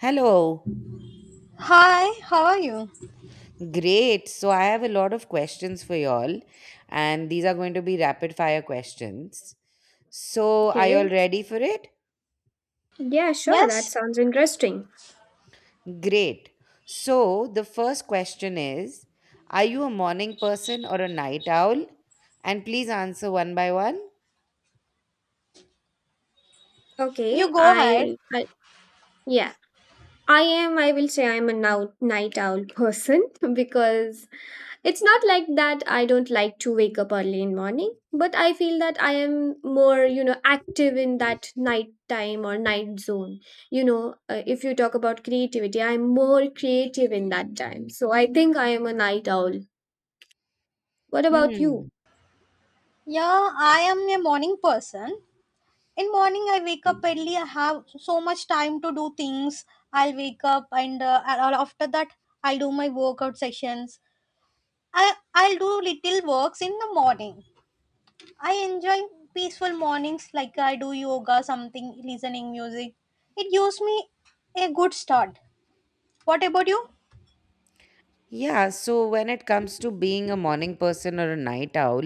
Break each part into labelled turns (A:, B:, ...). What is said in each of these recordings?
A: Hello.
B: Hi, how are you?
A: Great. So I have a lot of questions for y'all, and these are going to be rapid fire questions. So are y'all
C: Okay.
A: ready for it?
C: Yeah, sure.
B: Yes,
C: That sounds interesting.
A: Great. So the first question is, are you a morning person or a night owl? And please answer one by one.
B: you
C: Okay.
B: go ahead.
C: I yeah. I am, I will say I'm a now night owl person because it's not like that I don't like to wake up early in morning, but I feel that I am more, active in that night time or night zone. If you talk about creativity, I'm more creative in that time. So I think I am a night owl. What about
A: Hmm.
C: you?
B: Yeah, I am a morning person. In morning, I wake up early. I have so much time to do things. I'll wake up and after that, I'll do my workout sessions. I'll do little works in the morning. I enjoy peaceful mornings, like I do yoga, something, listening music. It gives me a good start. What about you?
A: Yeah, so when it comes to being a morning person or a night owl,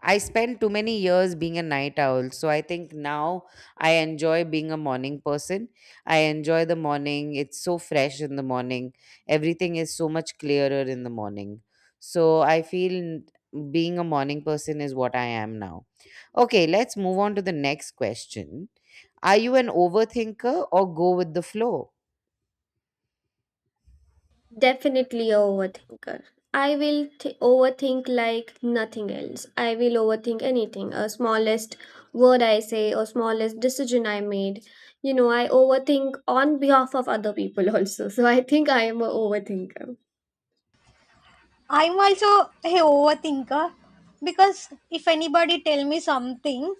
A: I spent too many years being a night owl. So I think now I enjoy being a morning person. I enjoy the morning. It's so fresh in the morning. Everything is so much clearer in the morning. So I feel being a morning person is what I am now. Okay, let's move on to the next question. Are you an overthinker or go with the flow?
C: Definitely a overthinker. I will overthink like nothing else. I will overthink anything, a smallest word I say or smallest decision I made. You know, I overthink on behalf of other people also. So I think I am a overthinker.
B: I'm also a overthinker because if anybody tell me something,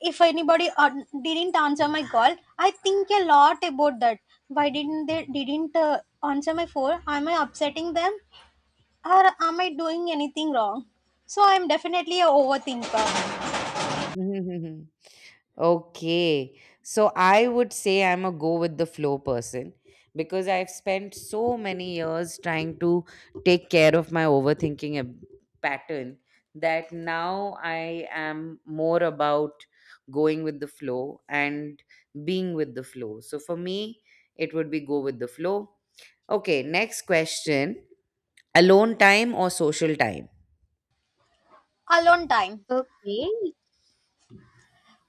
B: if anybody didn't answer my call, I think a lot about that. Why didn't they didn't answer my phone? Am I upsetting them, or am I doing anything wrong? So I'm definitely a overthinker.
A: Okay. So I would say I'm a go with the flow person because I've spent so many years trying to take care of my pattern that now I am more about going with the flow and being with the flow. So for me, it would be go with the flow. Okay, next question, alone time or social time?
B: Alone time.
C: Okay,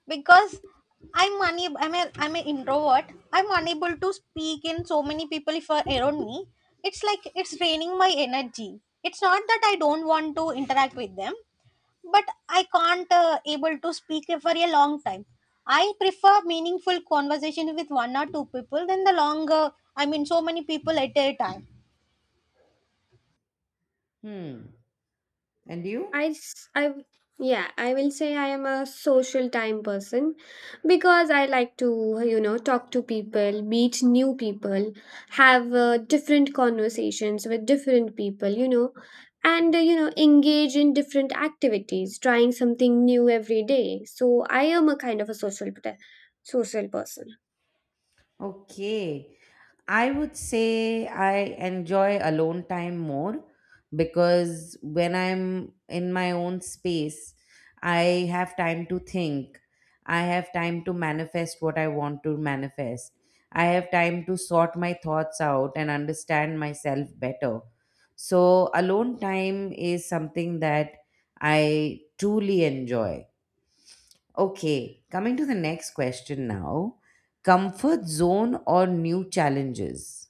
B: Because I'm unable. I'm an introvert. I'm unable to speak in so many people if are around me. It's like it's draining my energy. It's not that I don't want to interact with them, but I can't able to speak for a long time. I prefer meaningful conversation with one or two people than the longer. I mean, so many people at a time.
A: Hmm. And you?
C: I, s- I w- yeah, I will say I am a social time person because I like to, talk to people, meet new people, have different conversations with different people, and, engage in different activities, trying something new every day. So I am a kind of a social, social person.
A: Okay. I would say I enjoy alone time more because when I'm in my own space, I have time to think. I have time to manifest what I want to manifest. I have time to sort my thoughts out and understand myself better. So, alone time is something that I truly enjoy. Okay, coming to the next question now, comfort zone or new challenges?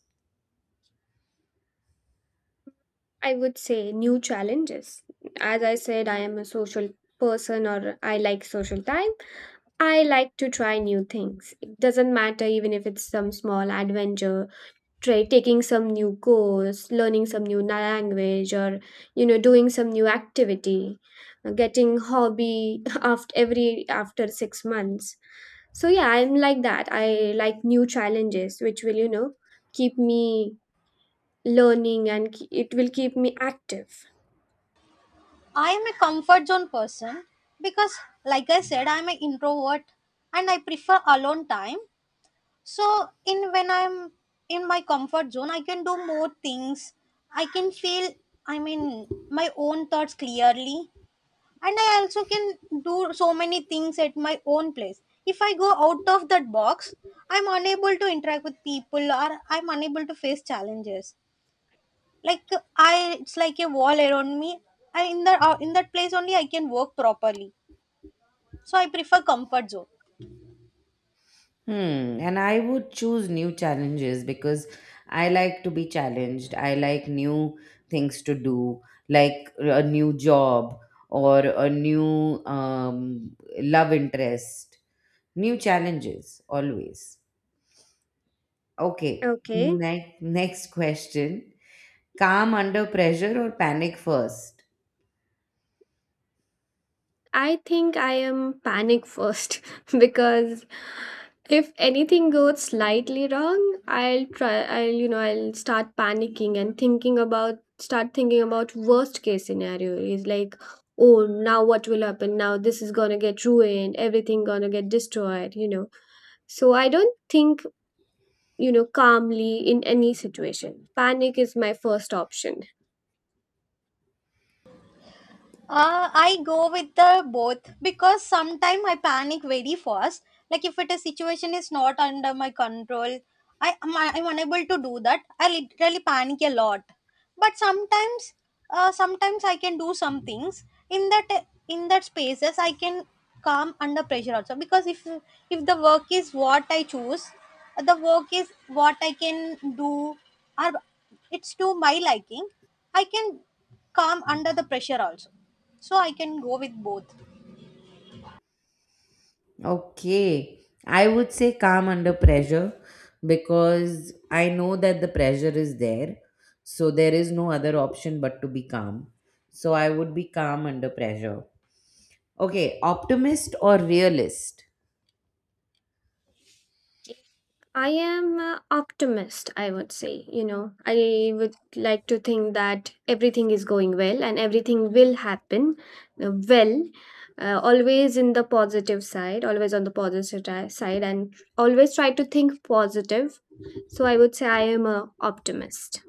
C: I would say new challenges. As I said, I am a social person or I like social time. I like to try new things. It doesn't matter even if it's some small adventure, try taking some new course, learning some new language or doing some new activity, getting hobby after every after 6 months. So yeah, I'm like that. I like new challenges which will keep me learning and it will keep me active.
B: I am a comfort zone person because, like I said, I'm an introvert and I prefer alone time. So in when I'm in my comfort zone, I can do more things. I can feel, I mean, my own thoughts clearly, and I also can do so many things at my own place. If I go out of that box, I'm unable to interact with people, or I'm unable to face challenges. Like I, it's like a wall around me. I in the in that place only I can work properly. So I prefer comfort zone.
A: Hmm. And I would choose new challenges because I like to be challenged. I like new things to do, like a new job or a new love interest. New challenges, always. Okay.
C: Okay.
A: Next question. Calm under pressure or panic first?
C: I think I am panic first because if anything goes slightly wrong, I'll try I'll you know, I'll start panicking and thinking about start thinking about worst case scenario is like, oh, now what will happen, now this is going to get ruined, everything going to get destroyed, so I don't think calmly in any situation. Panic is my first option.
B: I go with the both because sometimes I panic very fast. Like if it a situation is not under my control, I'm unable to do that. I literally panic a lot. But sometimes, sometimes I can do some things in that spaces I can calm under pressure also because if the work is what I choose, the work is what I can do, or it's to my liking. I can calm under the pressure also, so I can go with both.
A: Okay. I would say calm under pressure because I know that the pressure is there. So there is no other option but to be calm. So I would be calm under pressure. Okay. Optimist or realist?
C: I am an optimist, I would say. You know, I would like to think that everything is going well and everything will happen well, always in the positive side, always on the positive side, and always try to think positive. So I would say I am a optimist.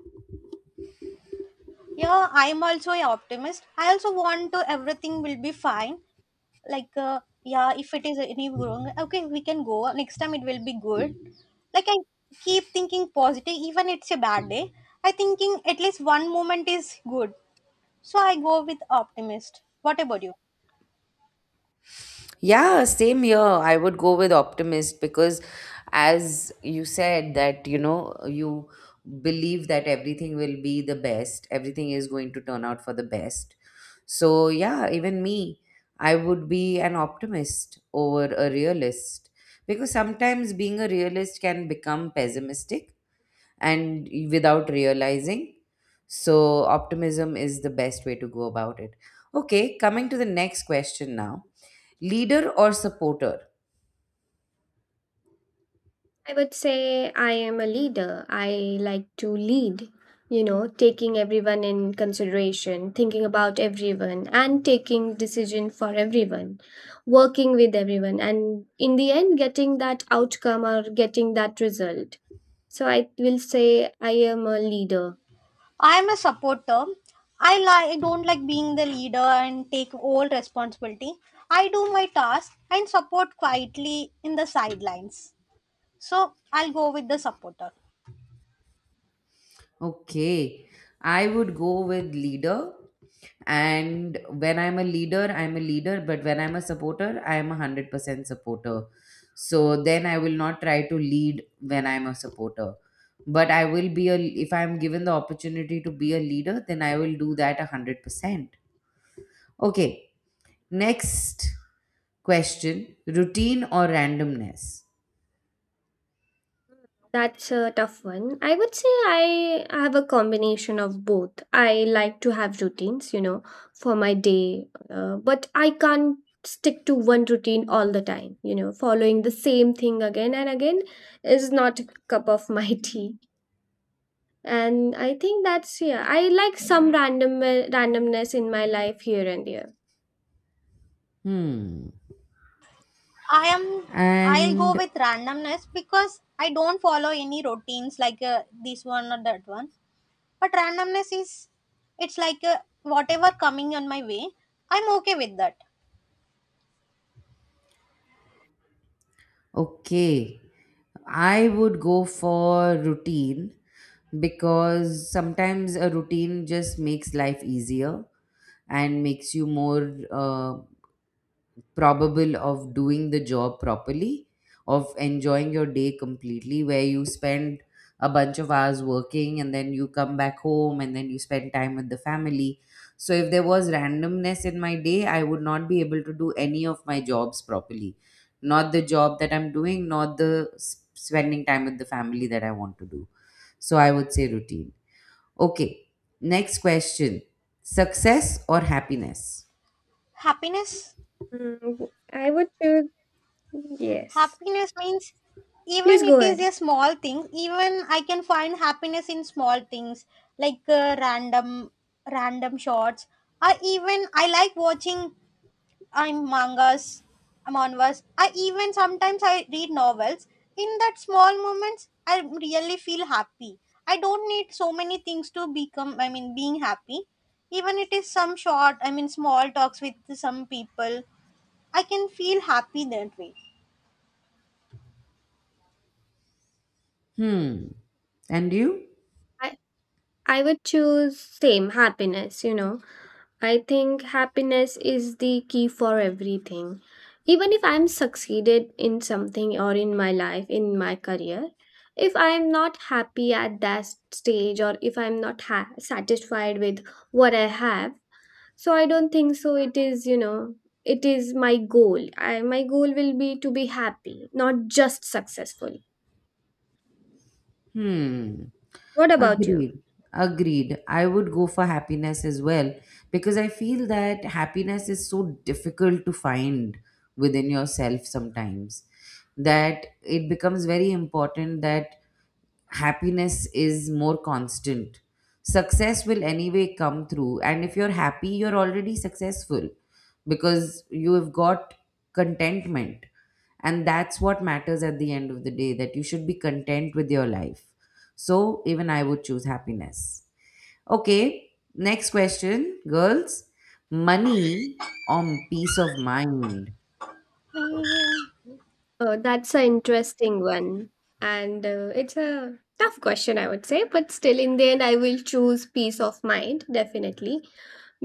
B: Yeah, I'm also a optimist. I also want to everything will be fine. Like yeah, if it is any wrong, okay, we can go next time, it will be good. Like I keep thinking positive, even it's a bad day, I thinking at least one moment is good. So I go with optimist. What about you?
A: Yeah, same here. I would go with optimist because, as you said, that you know, you believe that everything will be the best, everything is going to turn out for the best. So, yeah, even me, I would be an optimist over a realist because sometimes being a realist can become pessimistic and without realizing. So, optimism is the best way to go about it. Okay, coming to the next question now. Leader or supporter?
C: I would say I am a leader. I like to lead, you know, taking everyone in consideration, thinking about everyone and taking decision for everyone, working with everyone and in the end getting that outcome or getting that result. So I will say I am a leader.
B: I'm a supporter. I like don't like being the leader and take all responsibility. I do my task and support quietly in the sidelines. So I'll go with the supporter.
A: Okay, I would go with leader. And when I'm a leader, I'm a leader. But when I'm a supporter, I'm a 100% supporter. So then I will not try to lead when I'm a supporter. But I will be a, if I'm given the opportunity to be a leader, then I will do that a 100%. Okay, next question, routine or randomness?
C: That's a tough one. I would say I have a combination of both. I like to have routines, you know, for my day, but I can't stick to one routine all the time. You know, following the same thing again and again is not a cup of my tea. And I think that's yeah. I like some randomness in my life here and there.
A: Hmm.
B: I am I'll go
A: And
B: with randomness because I don't follow any routines like this one or that one. But randomness is, it's like whatever coming on my way. I'm okay with that.
A: okay. I would go for routine because sometimes a routine just makes life easier and makes you more probable of doing the job properly, of enjoying your day completely, where you spend a bunch of hours working and then you come back home and then you spend time with the family. So, if there was randomness in my day, I would not be able to do any of my jobs properly. Not the job that I'm doing, not the spending time with the family that I want to do. So, I would say routine. Okay, next question, success or happiness?
B: Happiness.
C: Mm, I would choose yes.
B: Happiness means even
C: Please
B: it
C: go
B: is
C: ahead.
B: a small thing, even I can find happiness in small things, like random shots. I even I like watching I'm mangas, I'm I even sometimes I read novels. In that small moments I really feel happy. I don't need so many things to become, I mean, being happy. Even it is some short, I mean, small talks with some people. I can feel happy that way.
A: Hmm. And you?
C: I I would choose same happiness. You know, I think happiness is the key for everything. Even if I'm succeeded in something or in my life, in my career, if I'm not happy at that stage or if I'm not satisfied with what I have, so I don't think so. It is, you know, it is my goal. My goal will be to be happy, not just successful.
A: Hmm.
C: What about you?
A: Agreed. Agreed. I would go for happiness as well because I feel that happiness is so difficult to find within yourself sometimes that it becomes very important that happiness is more constant. Success will anyway come through, and if you're happy, you're already successful because you have got contentment. And that's what matters at the end of the day that you should be content with your life. So, even I would choose happiness. Okay, next question, girls, money or peace of mind?
C: That's an interesting one. And it's a tough question, I would say. But still, in the end, I will choose peace of mind, definitely,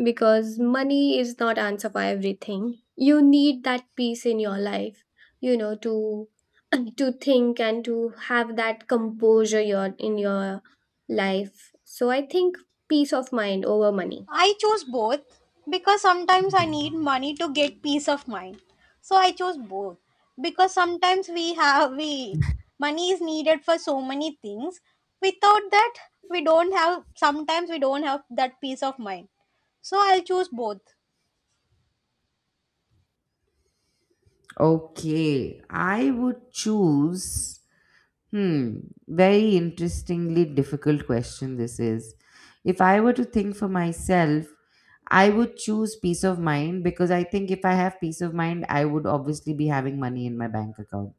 C: because money is not answer for everything. You need that peace in your life, you know, to to think and to have that composure your in your life. So I think peace of mind over money.
B: I choose both because sometimes I need money to get peace of mind. So I choose both because sometimes we money is needed for so many things. Without that, we don't have sometimes we don't have that peace of mind. So I'll choose both.
A: Okay, I would choose. Hmm, very interestingly difficult question this is. If I were to think for myself, I would choose peace of mind because I think if I have peace of mind, I would obviously be having money in my bank account.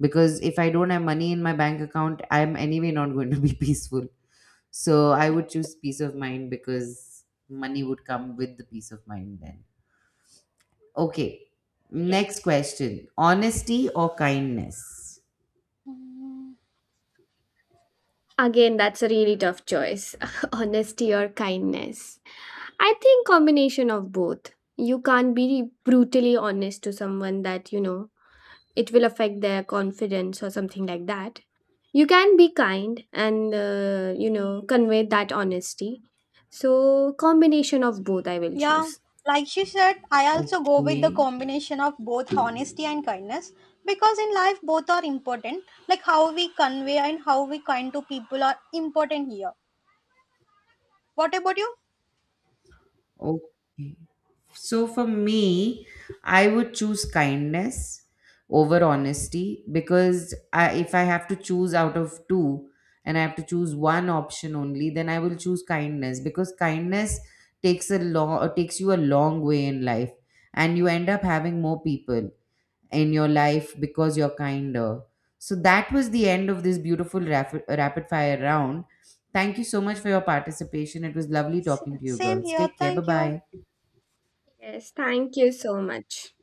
A: Because if I don't have money in my bank account, I'm anyway not going to be peaceful. So I would choose peace of mind because money would come with the peace of mind then. Okay,
C: Yeah.
A: next question, honesty or kindness?
C: Again, that's a really tough choice. Honesty or kindness. I think combination of both. You can't be brutally honest to someone that, you know, it will affect their confidence or something like that. You can be kind and you know, convey that honesty. So, combination of both I will
B: Yeah,
C: choose.
B: like she said, I also go with the
A: Okay,
B: combination of both honesty and kindness because in life both are important. Like how we convey and how we kind to people are important here. What about you?
A: okay. So for me, I would choose kindness over honesty because if I have to choose out of two and I have to choose one option only, then I will choose kindness because kindness takes a long takes you a long way in life and you end up having more people in your life because you're kinder. So that was the end of this beautiful rapid fire round. Thank you so much for your participation. It was lovely talking to you
B: Same
A: girls.
B: here.
A: Take care. Bye
B: Thank you.
A: bye.
C: Yes, thank you so much.